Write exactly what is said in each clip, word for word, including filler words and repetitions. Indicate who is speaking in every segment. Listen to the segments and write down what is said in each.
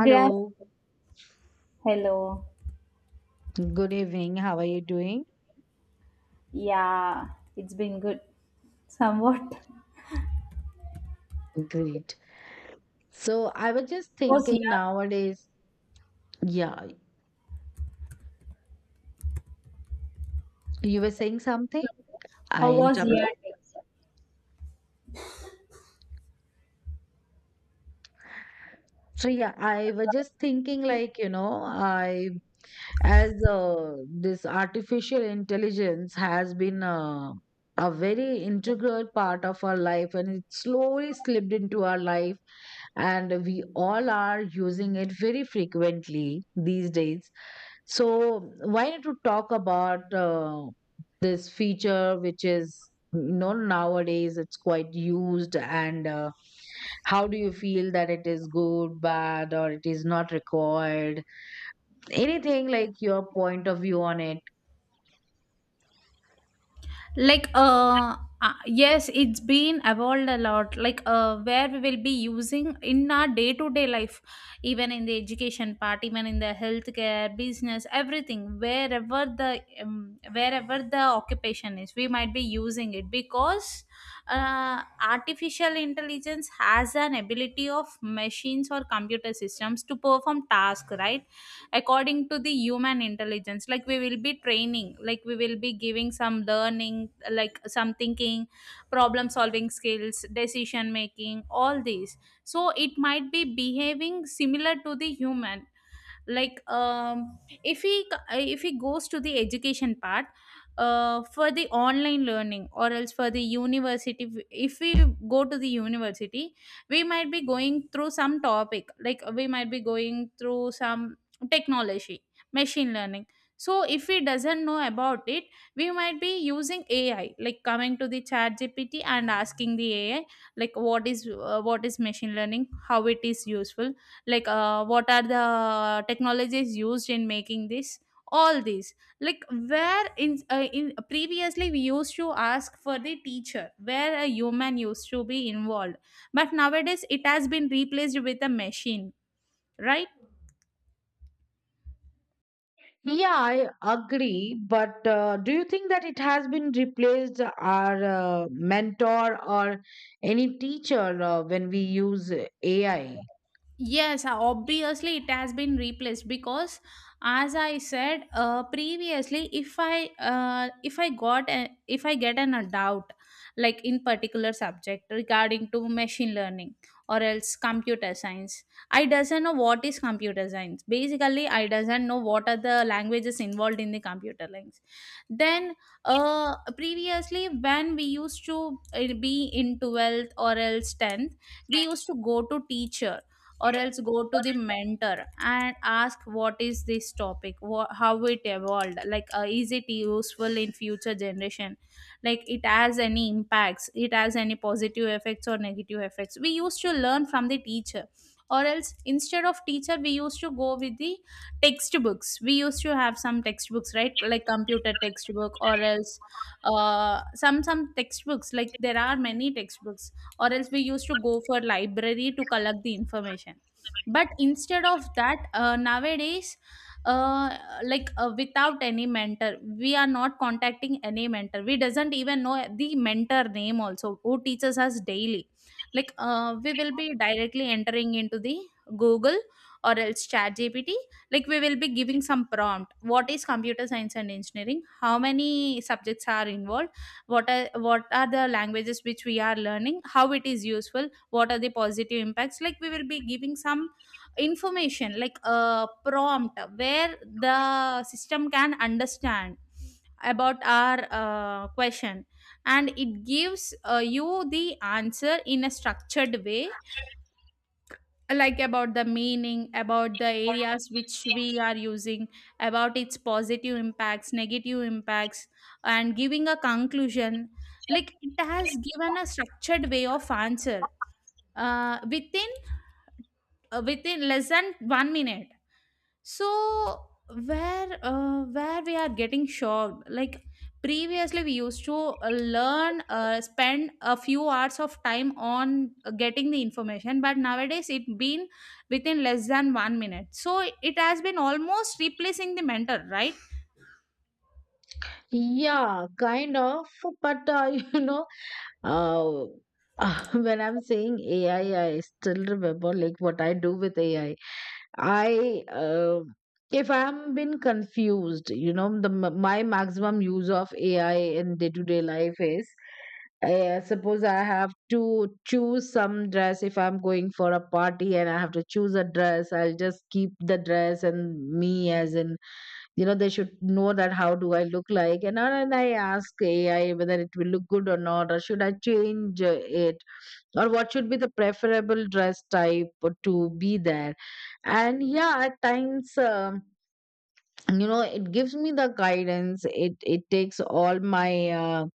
Speaker 1: Grab. Hello.
Speaker 2: good evening. How are you doing?
Speaker 1: Yeah, it's been good. Somewhat.
Speaker 2: Great. So I was just
Speaker 1: How was your
Speaker 2: thinking nowadays, yeah, you were saying something? I
Speaker 1: How was your
Speaker 2: interrupted.
Speaker 1: day?
Speaker 2: So yeah, I was just thinking, like, you know, I as uh, this artificial intelligence has been uh, a very integral part of our life and it slowly slipped into our life, and we all are using it very frequently these days. So why not to talk about uh, this feature which is, you know, nowadays it's quite used. And uh, how do you feel that it is good, bad, or it is not required? Anything like your point of view on it?
Speaker 1: like uh uh, yes, it's been evolved a lot, like uh, where we will be using in our day to day life, even in the education part, even in the healthcare business, everything. Wherever the um, wherever the occupation is, we might be using it, because uh, artificial intelligence has an ability of machines or computer systems to perform tasks, right? According to the human intelligence, like we will be training, like we will be giving some learning, like some thinking, problem solving skills, decision making, all these. So it might be behaving similar to the human. Like um, if he if he goes to the education part, uh, for the online learning, or else for the university. If we go to the university, we might be going through some topic, like we might be going through some technology, machine learning. So if we doesn't know about it, we might be using AI, like coming to the Chat GPT and asking the AI, like what is uh, what is machine learning, how it is useful, like uh, what are the technologies used in making this, all these. Like where in, uh, in previously we used to ask for the teacher, where a human used to be involved, but nowadays it has been replaced with a machine, right?
Speaker 2: Yeah, I agree. But uh, do you think that it has been replaced our uh, mentor or any teacher uh, when we use A I?
Speaker 1: Yes, uh, obviously it has been replaced, because as I said uh, previously, if I uh, if I got a, if I get an a doubt, like in particular subject regarding to machine learning or else computer science. I doesn't know what is computer science. Basically, I doesn't know what are the languages involved in the computer lines. Then uh, previously, when we used to uh, be in twelfth or else tenth, we used to go to teacher or else go to the mentor and ask what is this topic, wha how it evolved, like uh, is it useful in future generation, like it has any impacts, it has any positive effects or negative effects. We used to learn from the teacher, or else instead of teacher we used to go with the textbooks. We used to have some textbooks, right? Like computer textbook, or else uh, some some textbooks. Like there are many textbooks, or else we used to go for library to collect the information. But instead of that, uh, nowadays uh, like uh, without any mentor, we are not contacting any mentor. We doesn't even know the mentor name also who teaches us daily. Like uh, we will be directly entering into the Google, or else Chat GPT. Like we will be giving some prompt: what is computer science and engineering, how many subjects are involved, what are what are the languages which we are learning, how it is useful, what are the positive impacts. Like we will be giving some information like a prompt, where the system can understand about our uh, question, and it gives uh, you the answer in a structured way, like about the meaning, about the areas which we are using, about its positive impacts, negative impacts, and giving a conclusion. Like it has given a structured way of answer uh, within uh, within less than one minute. So where uh, where we are getting shocked, like previously we used to uh, learn uh, spend a few hours of time on uh, getting the information, but nowadays it been within less than one minute, so it has been almost replacing the mentor, right?
Speaker 2: Yeah, kind of. But uh, you know, uh, when I'm saying A I, I I still remember like what I do with A I. I I uh, If I'm been confused, you know, the m- my maximum use of A I in day-to-day life is. Uh, suppose I have to choose some dress, if I'm going for a party and I have to choose a dress, I'll just keep the dress and me as in, you know, they should know that how do I look like. And then and I ask A I whether it will look good or not, or should I change uh, it, or what should be the preferable dress type to be there. And yeah, at times, um, you know, it gives me the guidance. It it takes all my uh,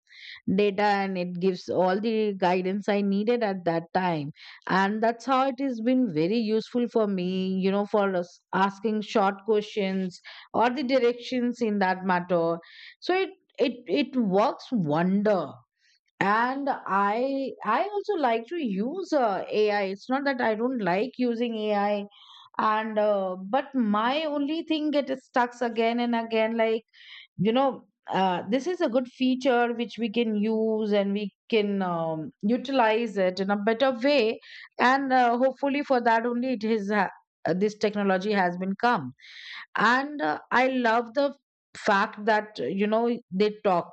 Speaker 2: data and it gives all the guidance I needed at that time. And that's how it has been very useful for me, you know, for us asking short questions or the directions in that matter. So it it it works wonder. And I I also like to use uh, A I. It's not that I don't like using A I. And uh, but my only thing gets stuck again and again, like you know, uh, this is a good feature which we can use and we can um, utilize it in a better way. And uh, hopefully for that only it is ha- uh, this technology has been come. And uh, I love the fact that, uh, you know, they talk,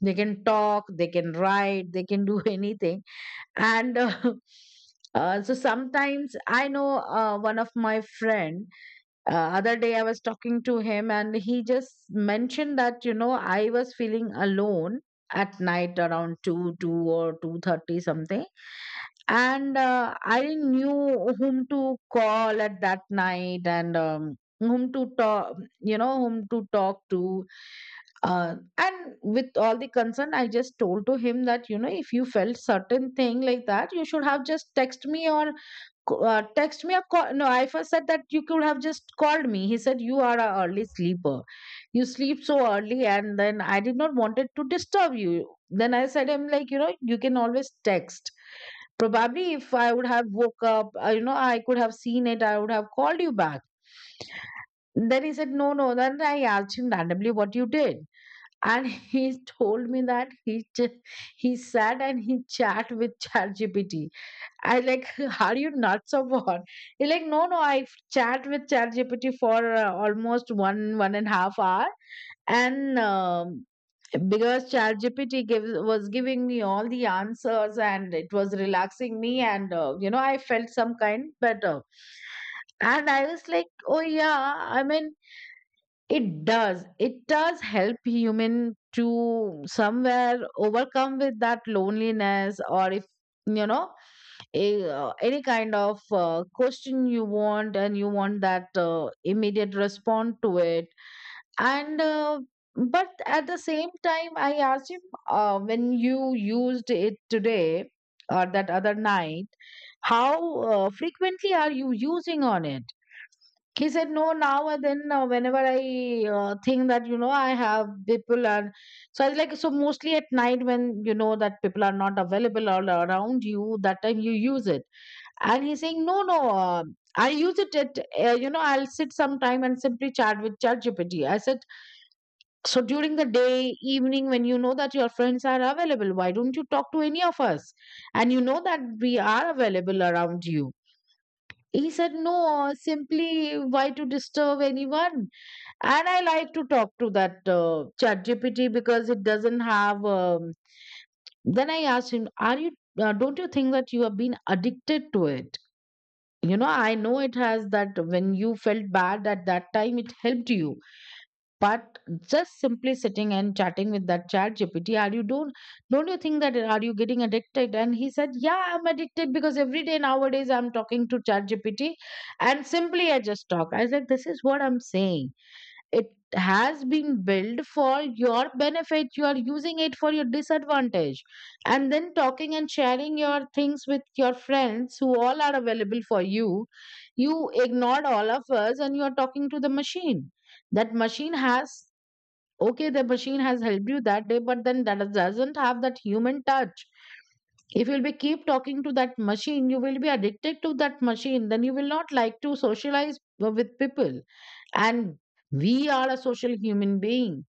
Speaker 2: they can talk, they can write, they can do anything. And uh, uh, so sometimes I know, uh, one of my friend, uh, other day I was talking to him and he just mentioned that, you know, I was feeling alone at night around 2 2 or two thirty something. And uh, I didn't knew whom to call at that night. And um, whom to talk, you know, whom to talk to. uh, and with all the concern I just told to him that, you know, if you felt certain thing like that, you should have just text me or c- uh, text me a call. No, I first said that you could have just called me. He said, "You are an early sleeper. You sleep so early. And then I did not wanted to disturb you." Then I said, I'm like, you know, you can always text. Probably if I would have woke up, uh, you know, I could have seen it, I would have called you back. Then he said, "No, no." Then I asked him randomly what you did. And he told me that he ch- he sat and he chat with ChatGPT. I like, "Are you nuts or what?" He like, "No, no, I chat with ChatGPT for uh, almost one, one and a half hour." And um, because ChatGPT gives, was giving me all the answers and it was relaxing me. And, uh, you know, I felt some kind better. And I was like, oh, yeah, I mean, it does. It does help human to somewhere overcome with that loneliness. Or if, you know, a, uh, any kind of uh, question you want, and you want that uh, immediate response to it. And uh, but at the same time I asked him, uh, when you used it today or that other night, how uh, frequently are you using on it? He said, "No, now and then, uh, whenever I uh, think that, you know, I have people." And so I was like, "So mostly at night, when you know that people are not available all around you, that time you use it?" And he's saying, "No, no, uh, I use it at, uh, you know, I'll sit sometime and simply chat with ChatGPT." I said, "So during the day evening, when you know that your friends are available, why don't you talk to any of us, and you know that we are available around you?" He said, "No, uh, simply why to disturb anyone, and I like to talk to that uh, chat because it doesn't have um, then I asked him, "Are you uh, don't you think that you have been addicted to it? You know, I know it has that when you felt bad at that time it helped you, but just simply sitting and chatting with that chat gpt, are you don't don't you think that are you getting addicted?" And he said, "Yeah, I'm addicted, because every day nowadays I'm talking to chat gpt and simply I just talk." I was like, "This is what I'm saying. It has been built for your benefit, you are using it for your disadvantage. And then talking and sharing your things with your friends who all are available for you, you ignored all of us and you are talking to the machine. That machine has, okay, the machine has helped you that day, but then that doesn't have that human touch. If you'll be keep talking to that machine, you will be addicted to that machine, then you will not like to socialize w- with people. And we are a social human being,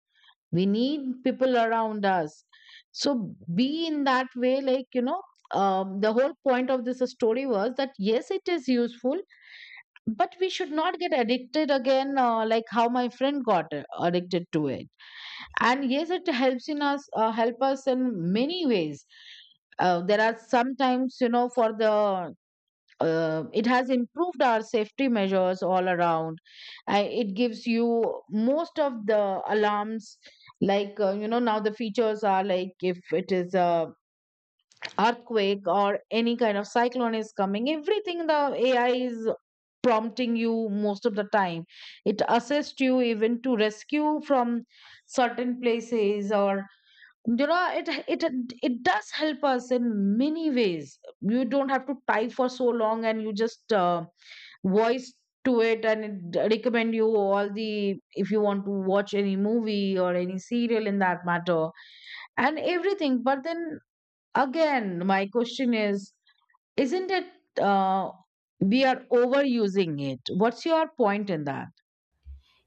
Speaker 2: we need people around us. So be in that way." Like, you know, um, the whole point of this story was that yes, it is useful, but we should not get addicted again, uh, like how my friend got uh, addicted to it. And yes, it helps in us, uh, help us in many ways. Uh, there are sometimes, you know, for the, uh, it has improved our safety measures all around. Uh, it gives you most of the alarms, like uh, you know, now the features are like if it is a earthquake or any kind of cyclone is coming, everything the AI is prompting you most of the time. It assists you even to rescue from certain places. Or you know, it it it does help us in many ways. You don't have to type for so long, and you just uh, voice to it, and it d- recommend you all the, if you want to watch any movie or any serial in that matter, and everything. But then, again, my question is, isn't it uh, we are overusing it? What's your point in that?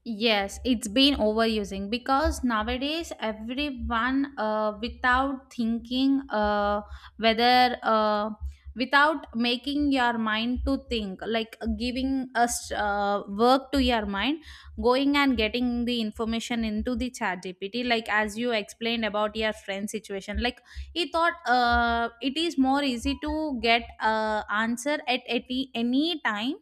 Speaker 1: Yes, it's been overusing, because nowadays everyone, uh, without thinking, uh, whether uh, without making your mind to think, like giving us uh, work to your mind, going and getting the information into the Chat G P T, like as you explained about your friend situation. Like he thought uh, it is more easy to get uh, answer at, at any any time.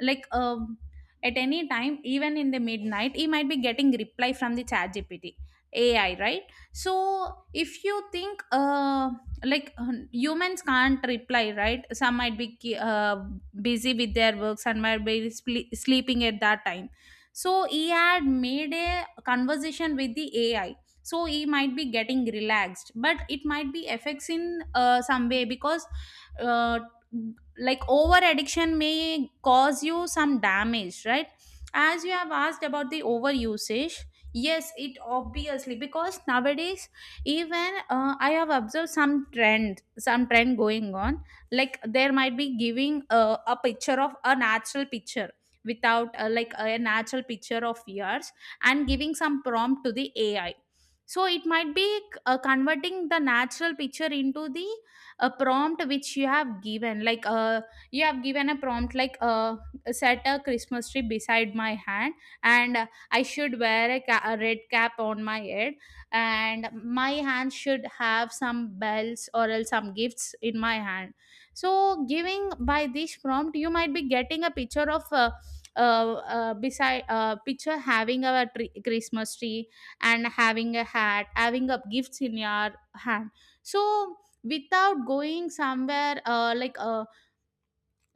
Speaker 1: Like um, at any time, even in the midnight he might be getting reply from the Chat GPT AI, right? So if you think uh, like um, humans can't reply, right? Some might be ki- uh, busy with their work, some might be sple- sleeping at that time. So he had made a conversation with the AI, so he might be getting relaxed, but it might be affects in uh, some way, because uh, like over addiction may cause you some damage, right? As you have asked about the over usage, yes it obviously, because nowadays, even uh, I have observed some trend some trend going on. Like there might be giving uh, a picture of a natural picture, without uh, like a natural picture of yours, and giving some prompt to the AI. So it might be uh, converting the natural picture into the a prompt which you have given. Like uh, you have given a prompt like uh, set a Christmas tree beside my hand, and uh, I should wear a, ca- a red cap on my head, and my hand should have some bells, or else some gifts in my hand. So giving by this prompt, you might be getting a picture of uh, uh, uh, beside uh, picture having a tree, Christmas tree, and having a hat, having a gifts in your hand. So without going somewhere, uh, like a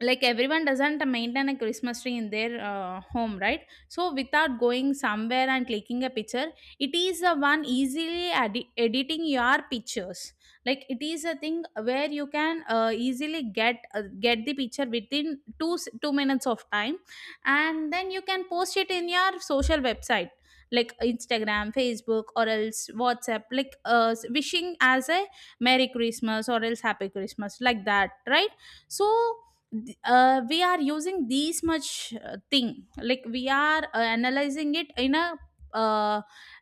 Speaker 1: like everyone doesn't maintain a Christmas tree in their uh, home, right? So without going somewhere and clicking a picture, it is the one easily edi- editing your pictures. Like it is a thing where you can uh, easily get uh, get the picture within 2 s- two minutes of time, and then you can post it in your social website like Instagram, Facebook, or else WhatsApp, like uh, wishing as a merry Christmas or else happy Christmas, like that, right? So th- uh, we are using these much uh, thing, like we are uh, analyzing it in a, uh,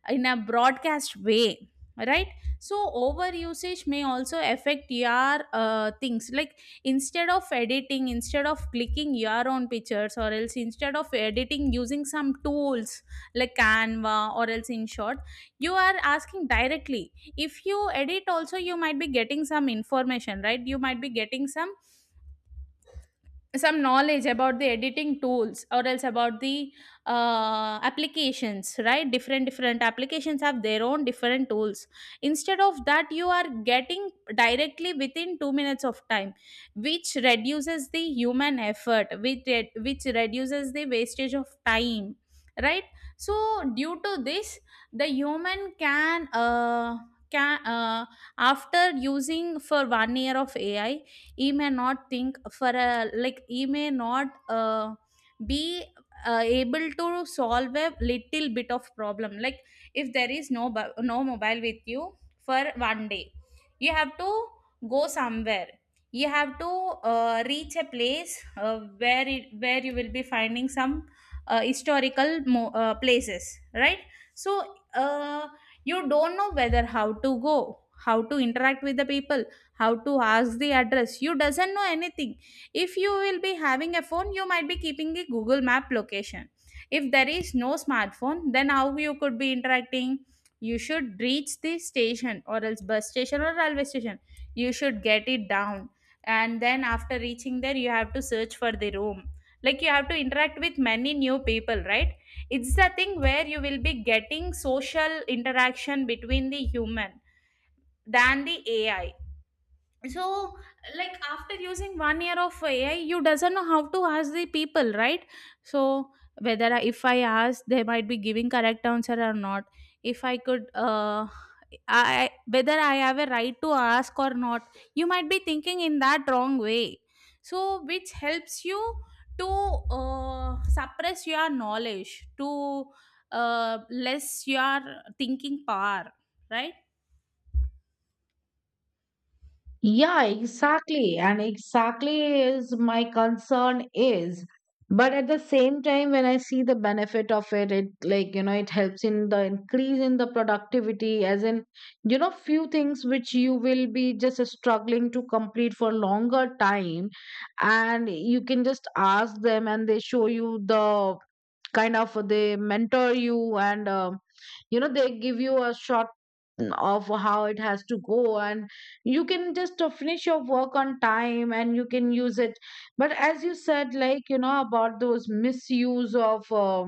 Speaker 1: in a broadcast way, right? So over usage may also affect your uh, things, like instead of editing, instead of clicking your own pictures, or else instead of editing using some tools like Canva or else. In short, you are asking directly. If you edit also, you might be getting some information, right? You might be getting some some knowledge about the editing tools, or else about the uh, applications, right? Different different applications have their own different tools. Instead of that, you are getting directly within two minutes of time, which reduces the human effort, which re- which reduces the wastage of time, right? So due to this, the human can uh, can uh, after using for one year of AI, he may not think for a, like he may not uh, be uh, able to solve a little bit of problem. Like if there is no bu- no mobile with you for one day, you have to go somewhere, you have to uh, reach a place, uh, where it, where you will be finding some uh, historical mo- uh, places, right? So uh, you don't know whether how to go, how to interact with the people, how to ask the address. You doesn't know anything. If you will be having a phone, you might be keeping the Google map location. If there is no smartphone, then how you could be interacting? You should reach the station, or else bus station, or railway station. You should get it down. And then after reaching there, you have to search for the room, like you have to interact with many new people, right? It's the thing where you will be getting social interaction between the human than the AI. So, like after using one year of AI, you doesn't know how to ask the people, right? So whether I, if I ask, they might be giving correct answer or not. If I could uh I Whether I have a right to ask or not, you might be thinking in that wrong way. So, which helps you to uh, suppress your knowledge, to uh, less your thinking power, right?
Speaker 2: Yeah, exactly. And exactly is my concern is. But at the same time, when I see the benefit of it, it like, you know, it helps in the increase in the productivity, as in, you know, few things which you will be just struggling to complete for longer time. And you can just ask them and they show you the, kind of they mentor you. And um, you know, they give you a short of how it has to go, and you can just uh, finish your work on time and you can use it. But as you said, like, you know, about those misuse of uh,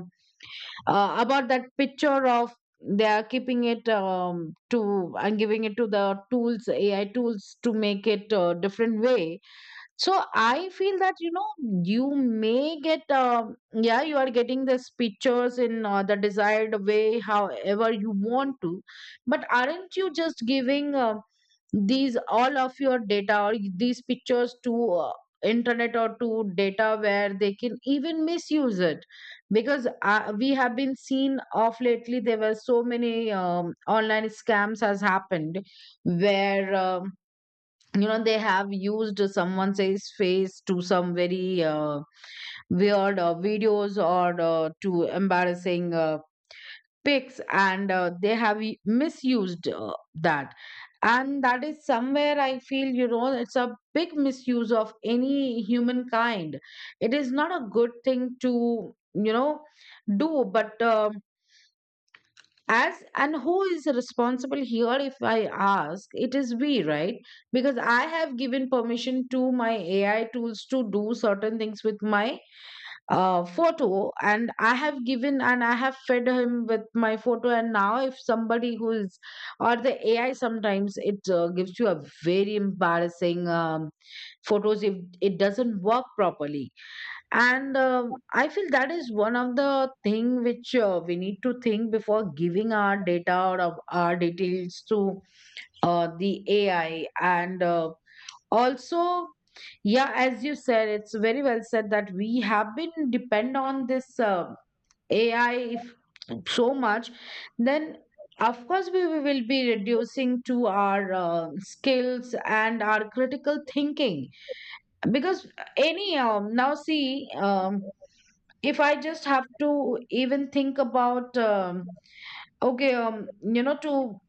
Speaker 2: uh, about that picture of, they are keeping it um, to, and giving it to the tools, AI tools to make it uh, different way. So I feel that, you know, you may get, um, yeah, you are getting these pictures in uh, the desired way, however you want to. But aren't you just giving uh, these all of your data or these pictures to uh, internet or to data where they can even misuse it? Because uh, we have been seen of lately, there were so many um, online scams has happened, where um, you know, they have used someone says face to some very uh, weird uh, videos, or uh, to embarrassing uh, pics, and uh, they have u- misused uh, that. And that is somewhere I feel, you know, it's a big misuse of any humankind. It is not a good thing to, you know, do. But um as and who is responsible here, if I ask, it is we, right? Because I have given permission to my AI tools to do certain things with my uh, photo, and I have given and I have fed him with my photo. And now if somebody who is, or the AI, sometimes it uh, gives you a very embarrassing um, photos if It doesn't work properly. And um, I feel that is one of the thing which uh, we need to think before giving our data or of our details to uh, the AI and uh, also. Yeah, as you said, it's very well said that we have been depend on this uh, AI if so much, then of course we we will be reducing to our uh, skills and our critical thinking. Because any um, now see, um, if I just have to even think about, um, okay, um, you know, to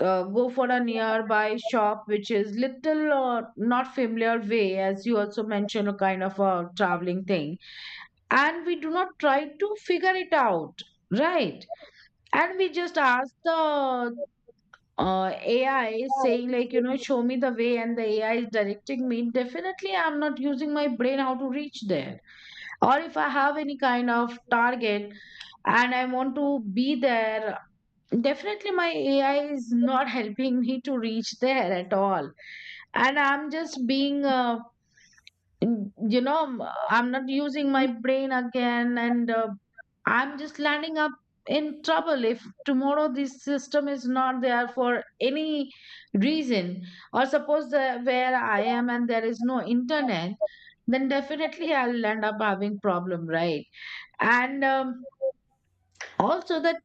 Speaker 2: uh, go for a nearby shop which is little or not familiar way, as you also mentioned, a kind of a traveling thing, and we do not try to figure it out, right? And we just ask the uh, A I saying like, you know, show me the way, and the A I is directing me. Definitely, I'm not using my brain how to reach there. Or if I have any kind of target and I want to be there, definitely my A I is not helping me to reach there at all. And I'm just being, uh, you know, I'm not using my brain again and uh, I'm just landing up in trouble if tomorrow this system is not there for any reason. Or suppose the, where I am and there is no internet, then definitely I'll end up having problem, right? and um, also that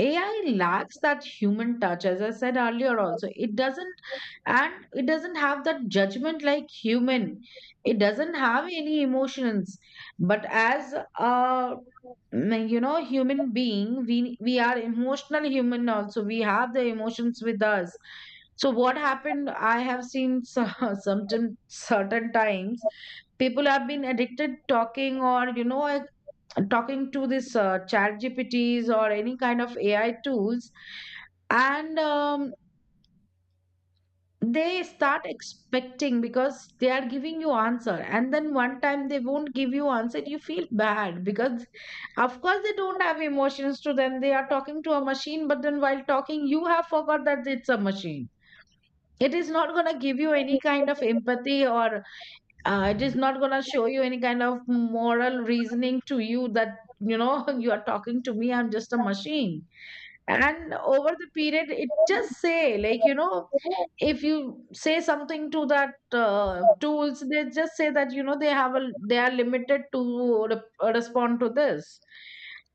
Speaker 2: AI lacks that human touch, as I said earlier also, it doesn't, and it doesn't have that judgment like human. It doesn't have any emotions. But as a mm, you know human being, we we are emotional human, also we have the emotions with us. So what happened, I have seen so- certain certain times people have been addicted talking or you know talking to this uh, chat G P Ts or any kind of A I tools. And um, they start expecting, because they are giving you answer, and then one time they won't give you answer, you feel bad. Because of course they don't have emotions to them, they are talking to a machine, but then while talking you have forgot that it's a machine. It is not going to give you any kind of empathy, or uh, it is not going to show you any kind of moral reasoning to you, that you know you are talking to me, I'm just a machine. And over the period it just say like, you know if you say something to that uh, tools, they just say that you know they have a, they are limited to re- respond to this.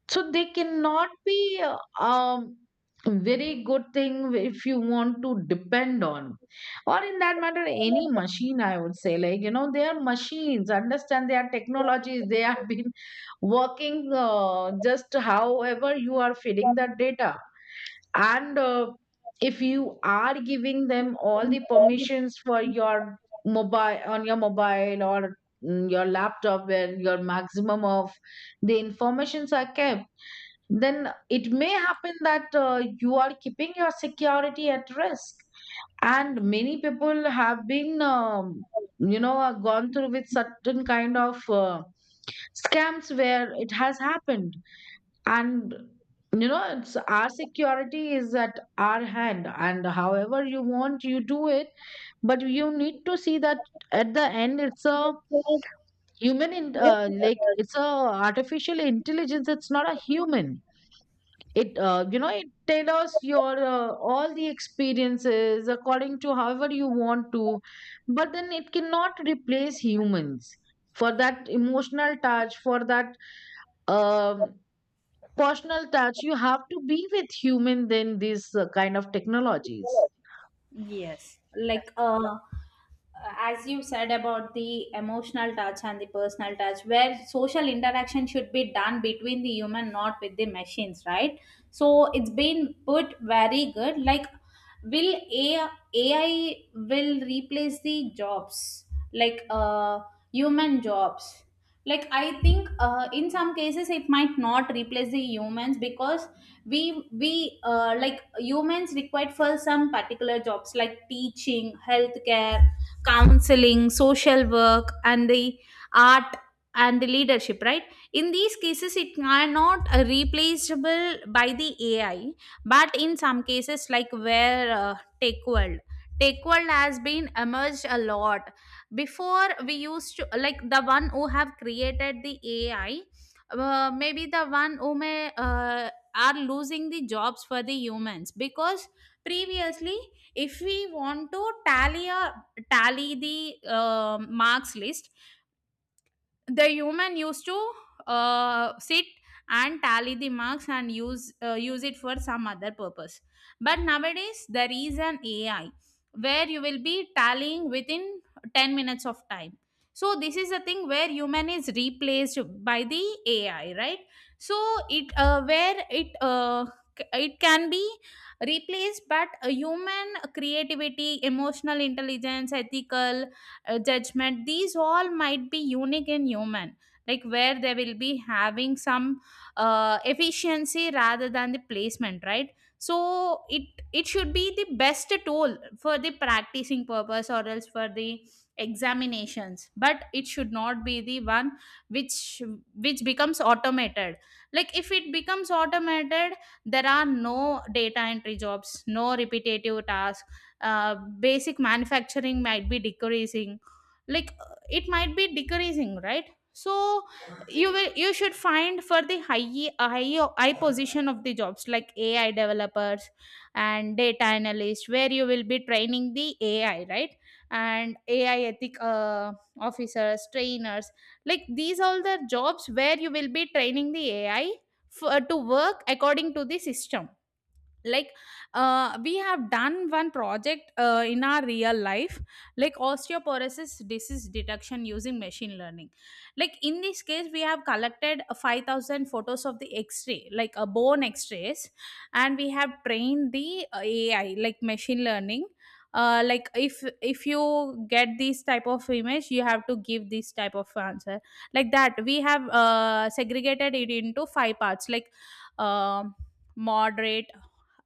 Speaker 2: So they cannot be uh, um very good thing if you want to depend on. Or in that matter, any machine, I would say like, you know, they are machines, understand, they are technologies, they have been working, uh, just however you are feeding that data. And uh, if you are giving them all the permissions for your mobile, on your mobile or mm, your laptop, where your maximum of the informations are kept, then it may happen that uh, you are keeping your security at risk. And many people have been, um, you know uh, gone through with certain kind of uh, scams where it has happened. And you know, it's our security is at our hand, and however you want, you do it. But you need to see that at the end, it's a
Speaker 1: So,
Speaker 2: human in, uh, like
Speaker 1: uh,
Speaker 2: it's a artificial intelligence, it's not a human. It uh, you know, it tailors your uh, all the experiences according to however you want to. But then it cannot replace humans, for that emotional touch, for that um personal touch. You have to be with human than these uh, kind of technologies.
Speaker 1: yes, like uh, uh, as you said about the emotional touch and the personal touch, where social interaction should be done between the human, not with the machines, right? So it's been put very good. Like, will ai, A I will replace the jobs, like uh, human jobs. Like I think uh, in some cases it might not replace the humans, because we we uh, like humans required for some particular jobs like teaching, healthcare, counseling, social work, and the art, and the leadership, right? In these cases, it cannot uh, replaceable by the A I, but in some cases, like where uh, Tech World, Tech World has been emerged a lot. Before, we used to like the one who have created the A I, uh, maybe the one who may uh, are losing the jobs for the humans because previously, if we want to tally a tally the uh, marks list, the human used to uh, sit and tally the marks and use uh, use it for some other purpose. But nowadays there is an A I where you will be tallying within ten minutes of time. So this is a thing where human is replaced by the A I, right? So it uh, where it uh, c- it can be replaced, but a human creativity, emotional intelligence, ethical uh, judgment, these all might be unique in human, like where they will be having some uh, efficiency rather than the placement, right? So it it should be the best tool for the practicing purpose or else for the examinations, but it should not be the one which which becomes automated. Like if it becomes automated, there are no data entry jobs, no repetitive tasks, uh, basic manufacturing might be decreasing. Like uh, it might be decreasing, right? So you will you should find for the high uh, high high position of the jobs like A I developers and data analyst, where you will be training the A I, right? And A I ethic uh, officers, trainers, like these all the jobs where you will be training the ai for, to work according to the system. Like uh, we have done one project uh, in our real life, like osteoporosis disease detection using machine learning. Like in this case, we have collected five thousand photos of the x-ray, like a bone x-rays, and we have trained the uh, A I, like machine learning. Uh, like if if you get this type of image, you have to give this type of answer. Like that, we have uh, segregated it into five parts, like um moderate,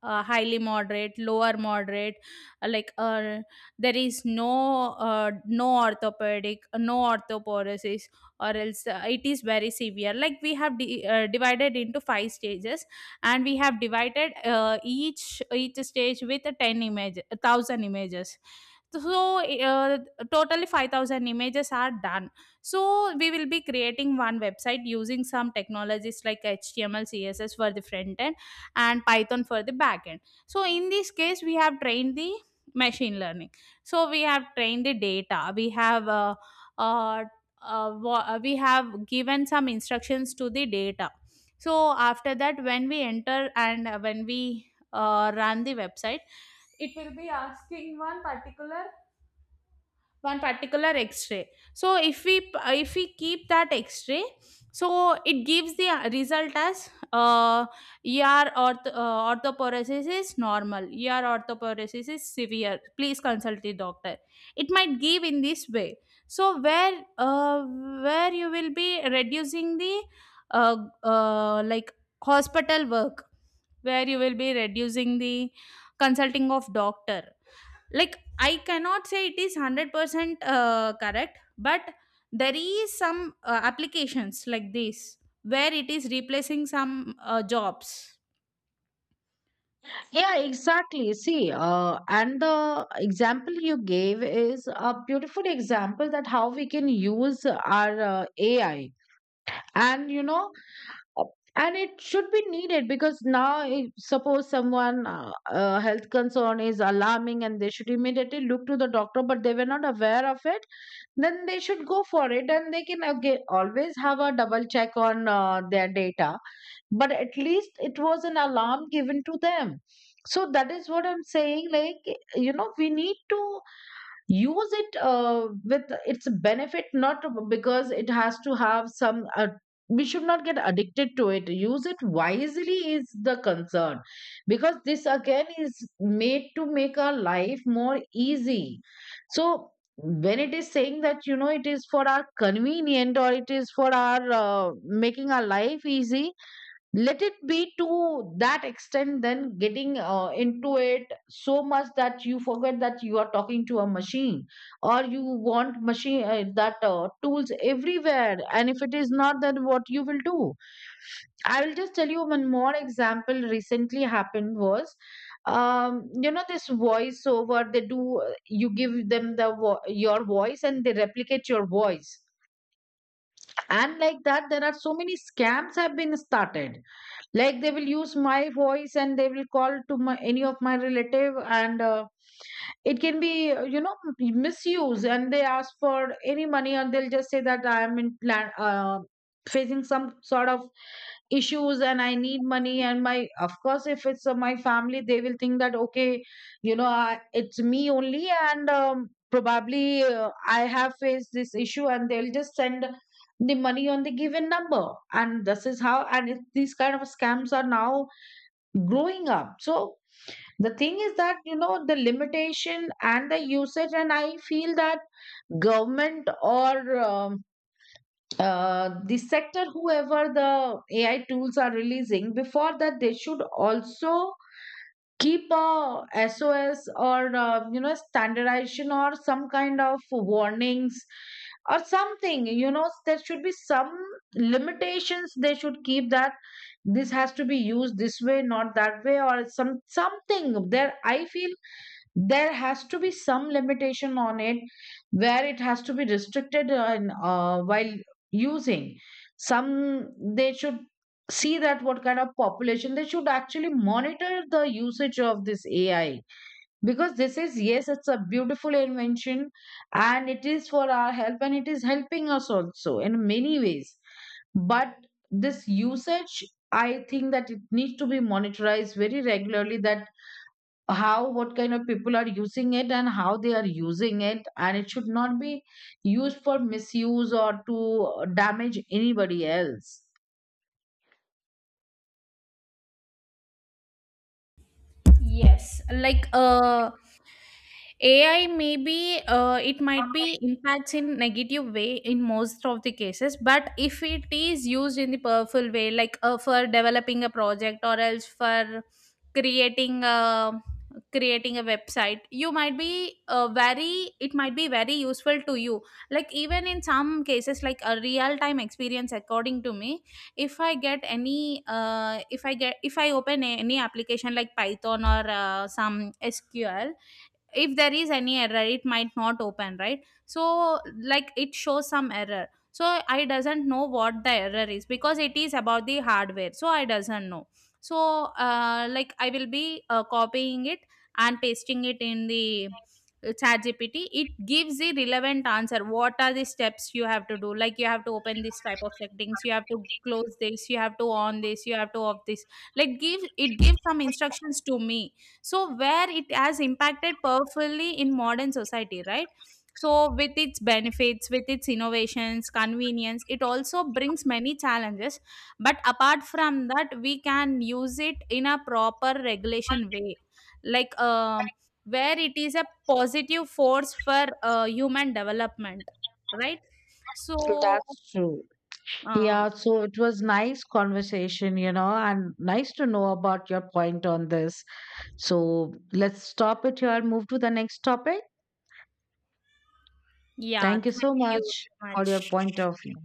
Speaker 1: uh, highly moderate, lower moderate, uh, like uh, there is no uh, no orthopedic, uh, no orthoporosis, or else uh, it is very severe. Like we have di- uh, divided into five stages, and we have divided uh, each each stage with a ten image, one thousand images. So uh, totally five thousand images are done. So we will be creating one website using some technologies, like H T M L C S S for the front end and python for the backend. So in this case, we have trained the machine learning. So we have trained the data, we have uh, uh, uh, wa- uh, we have given some instructions to the data. So after that, when we enter and uh, when we uh, run the website, it will be asking one particular one particular x-ray. So if we if we keep that x-ray, so it gives the uh, result as, uh, er ortho, uh, orthoparesis is normal, er, orthoparesis is severe, please consult the doctor. It might give in this way. So where uh, where you will be reducing the uh, uh, like hospital work, where you will be reducing the consulting of doctor. Like I cannot say it is one hundred percent uh, correct, but there is some uh, applications like this where it is replacing some uh, jobs.
Speaker 2: Yeah, exactly, see, uh, and the example you gave is a beautiful example, that how we can use our uh, A I. And you know uh, and it should be needed, because now if suppose someone uh, uh, health concern is alarming and they should immediately look to the doctor, but they were not aware of it, then they should go for it, and they can again always have a double check on uh, their data, but at least it was an alarm given to them. So that is what I'm saying, like you know, we need to use it uh, with its benefit, not because it has to have some uh, we should not get addicted to it, use it wisely is the concern. Because this again is made to make our life more easy. So when it is saying that you know, it is for our convenient, or it is for our uh, making our life easy, let it be to that extent, then getting uh, into it so much that you forget that you are talking to a machine. Or you want machine uh, that uh, tools everywhere, and if it is not, then what you will do. I will just tell you one more example recently happened was, um, you know, this voice over they do, you give them the vo- your voice and they replicate your voice. And like that there are so many scams have been started. Like they will use my voice, and they will call to my any of my relative, and uh, it can be, uh, you know misuse, and they ask for any money, and they'll just say that I am in plan, uh, facing some sort of issues and I need money. And my, of course, if it's uh, my family, they will think that okay, you know I, it's me only, and um, probably uh, I have faced this issue, and they'll just send the money on the given number. And this is how, and it, these kind of scams are now growing up. So the thing is that you know, the limitation and the usage, and I feel that government, or um, uh, the sector, whoever the A I tools are releasing, before that they should also keep a S O S, or uh, you know, standardization or some kind of warnings or something. You know, there should be some limitations, they should keep that this has to be used this way, not that way, or some something. There, I feel there has to be some limitation on it, where it has to be restricted. And uh, while using some, they should see that what kind of population, they should actually monitor the usage of this A I. Because this is, yes, it's a beautiful invention, and it is for our help, and it is helping us also in many ways. But this usage, I think that it needs to be monitorized very regularly, that how, what kind of people are using it and how they are using it, and it should not be used for misuse or to damage anybody else.
Speaker 1: Yes, like uh, A I, maybe uh, it might be impacts in negative way in most of the cases, but if it is used in the powerful way, like uh, for developing a project or else for creating a creating a website, you might be uh, very it might be very useful to you. Like even in some cases, like a real time experience, according to me, if I get any uh, if I get if I open a, any application like python or uh, some S Q L, if there is any error, it might not open, right? So like it shows some error, so I doesn't know what the error is, because it is about the hardware, so I doesn't know. So uh, like I will be uh, copying it and pasting it in the chat G P T. It gives the relevant answer, what are the steps you have to do, like you have to open this type of settings, you have to close this, you have to on this, you have to off this. Like give it gives some instructions to me. So where it has impacted powerfully in modern society, right? So with its benefits, with its innovations, convenience, it also brings many challenges, but apart from that, we can use it in a proper regulation way. Like um, where it is a positive force for uh, human development, right? So
Speaker 2: That's true.
Speaker 1: uh,
Speaker 2: Yeah, so it was nice conversation, you know, and nice to know about your point on this. So let's stop it here, move to the next topic.
Speaker 1: yeah,
Speaker 2: Thank you so
Speaker 1: thank you
Speaker 2: much
Speaker 1: so
Speaker 2: for your
Speaker 1: much.
Speaker 2: point of view.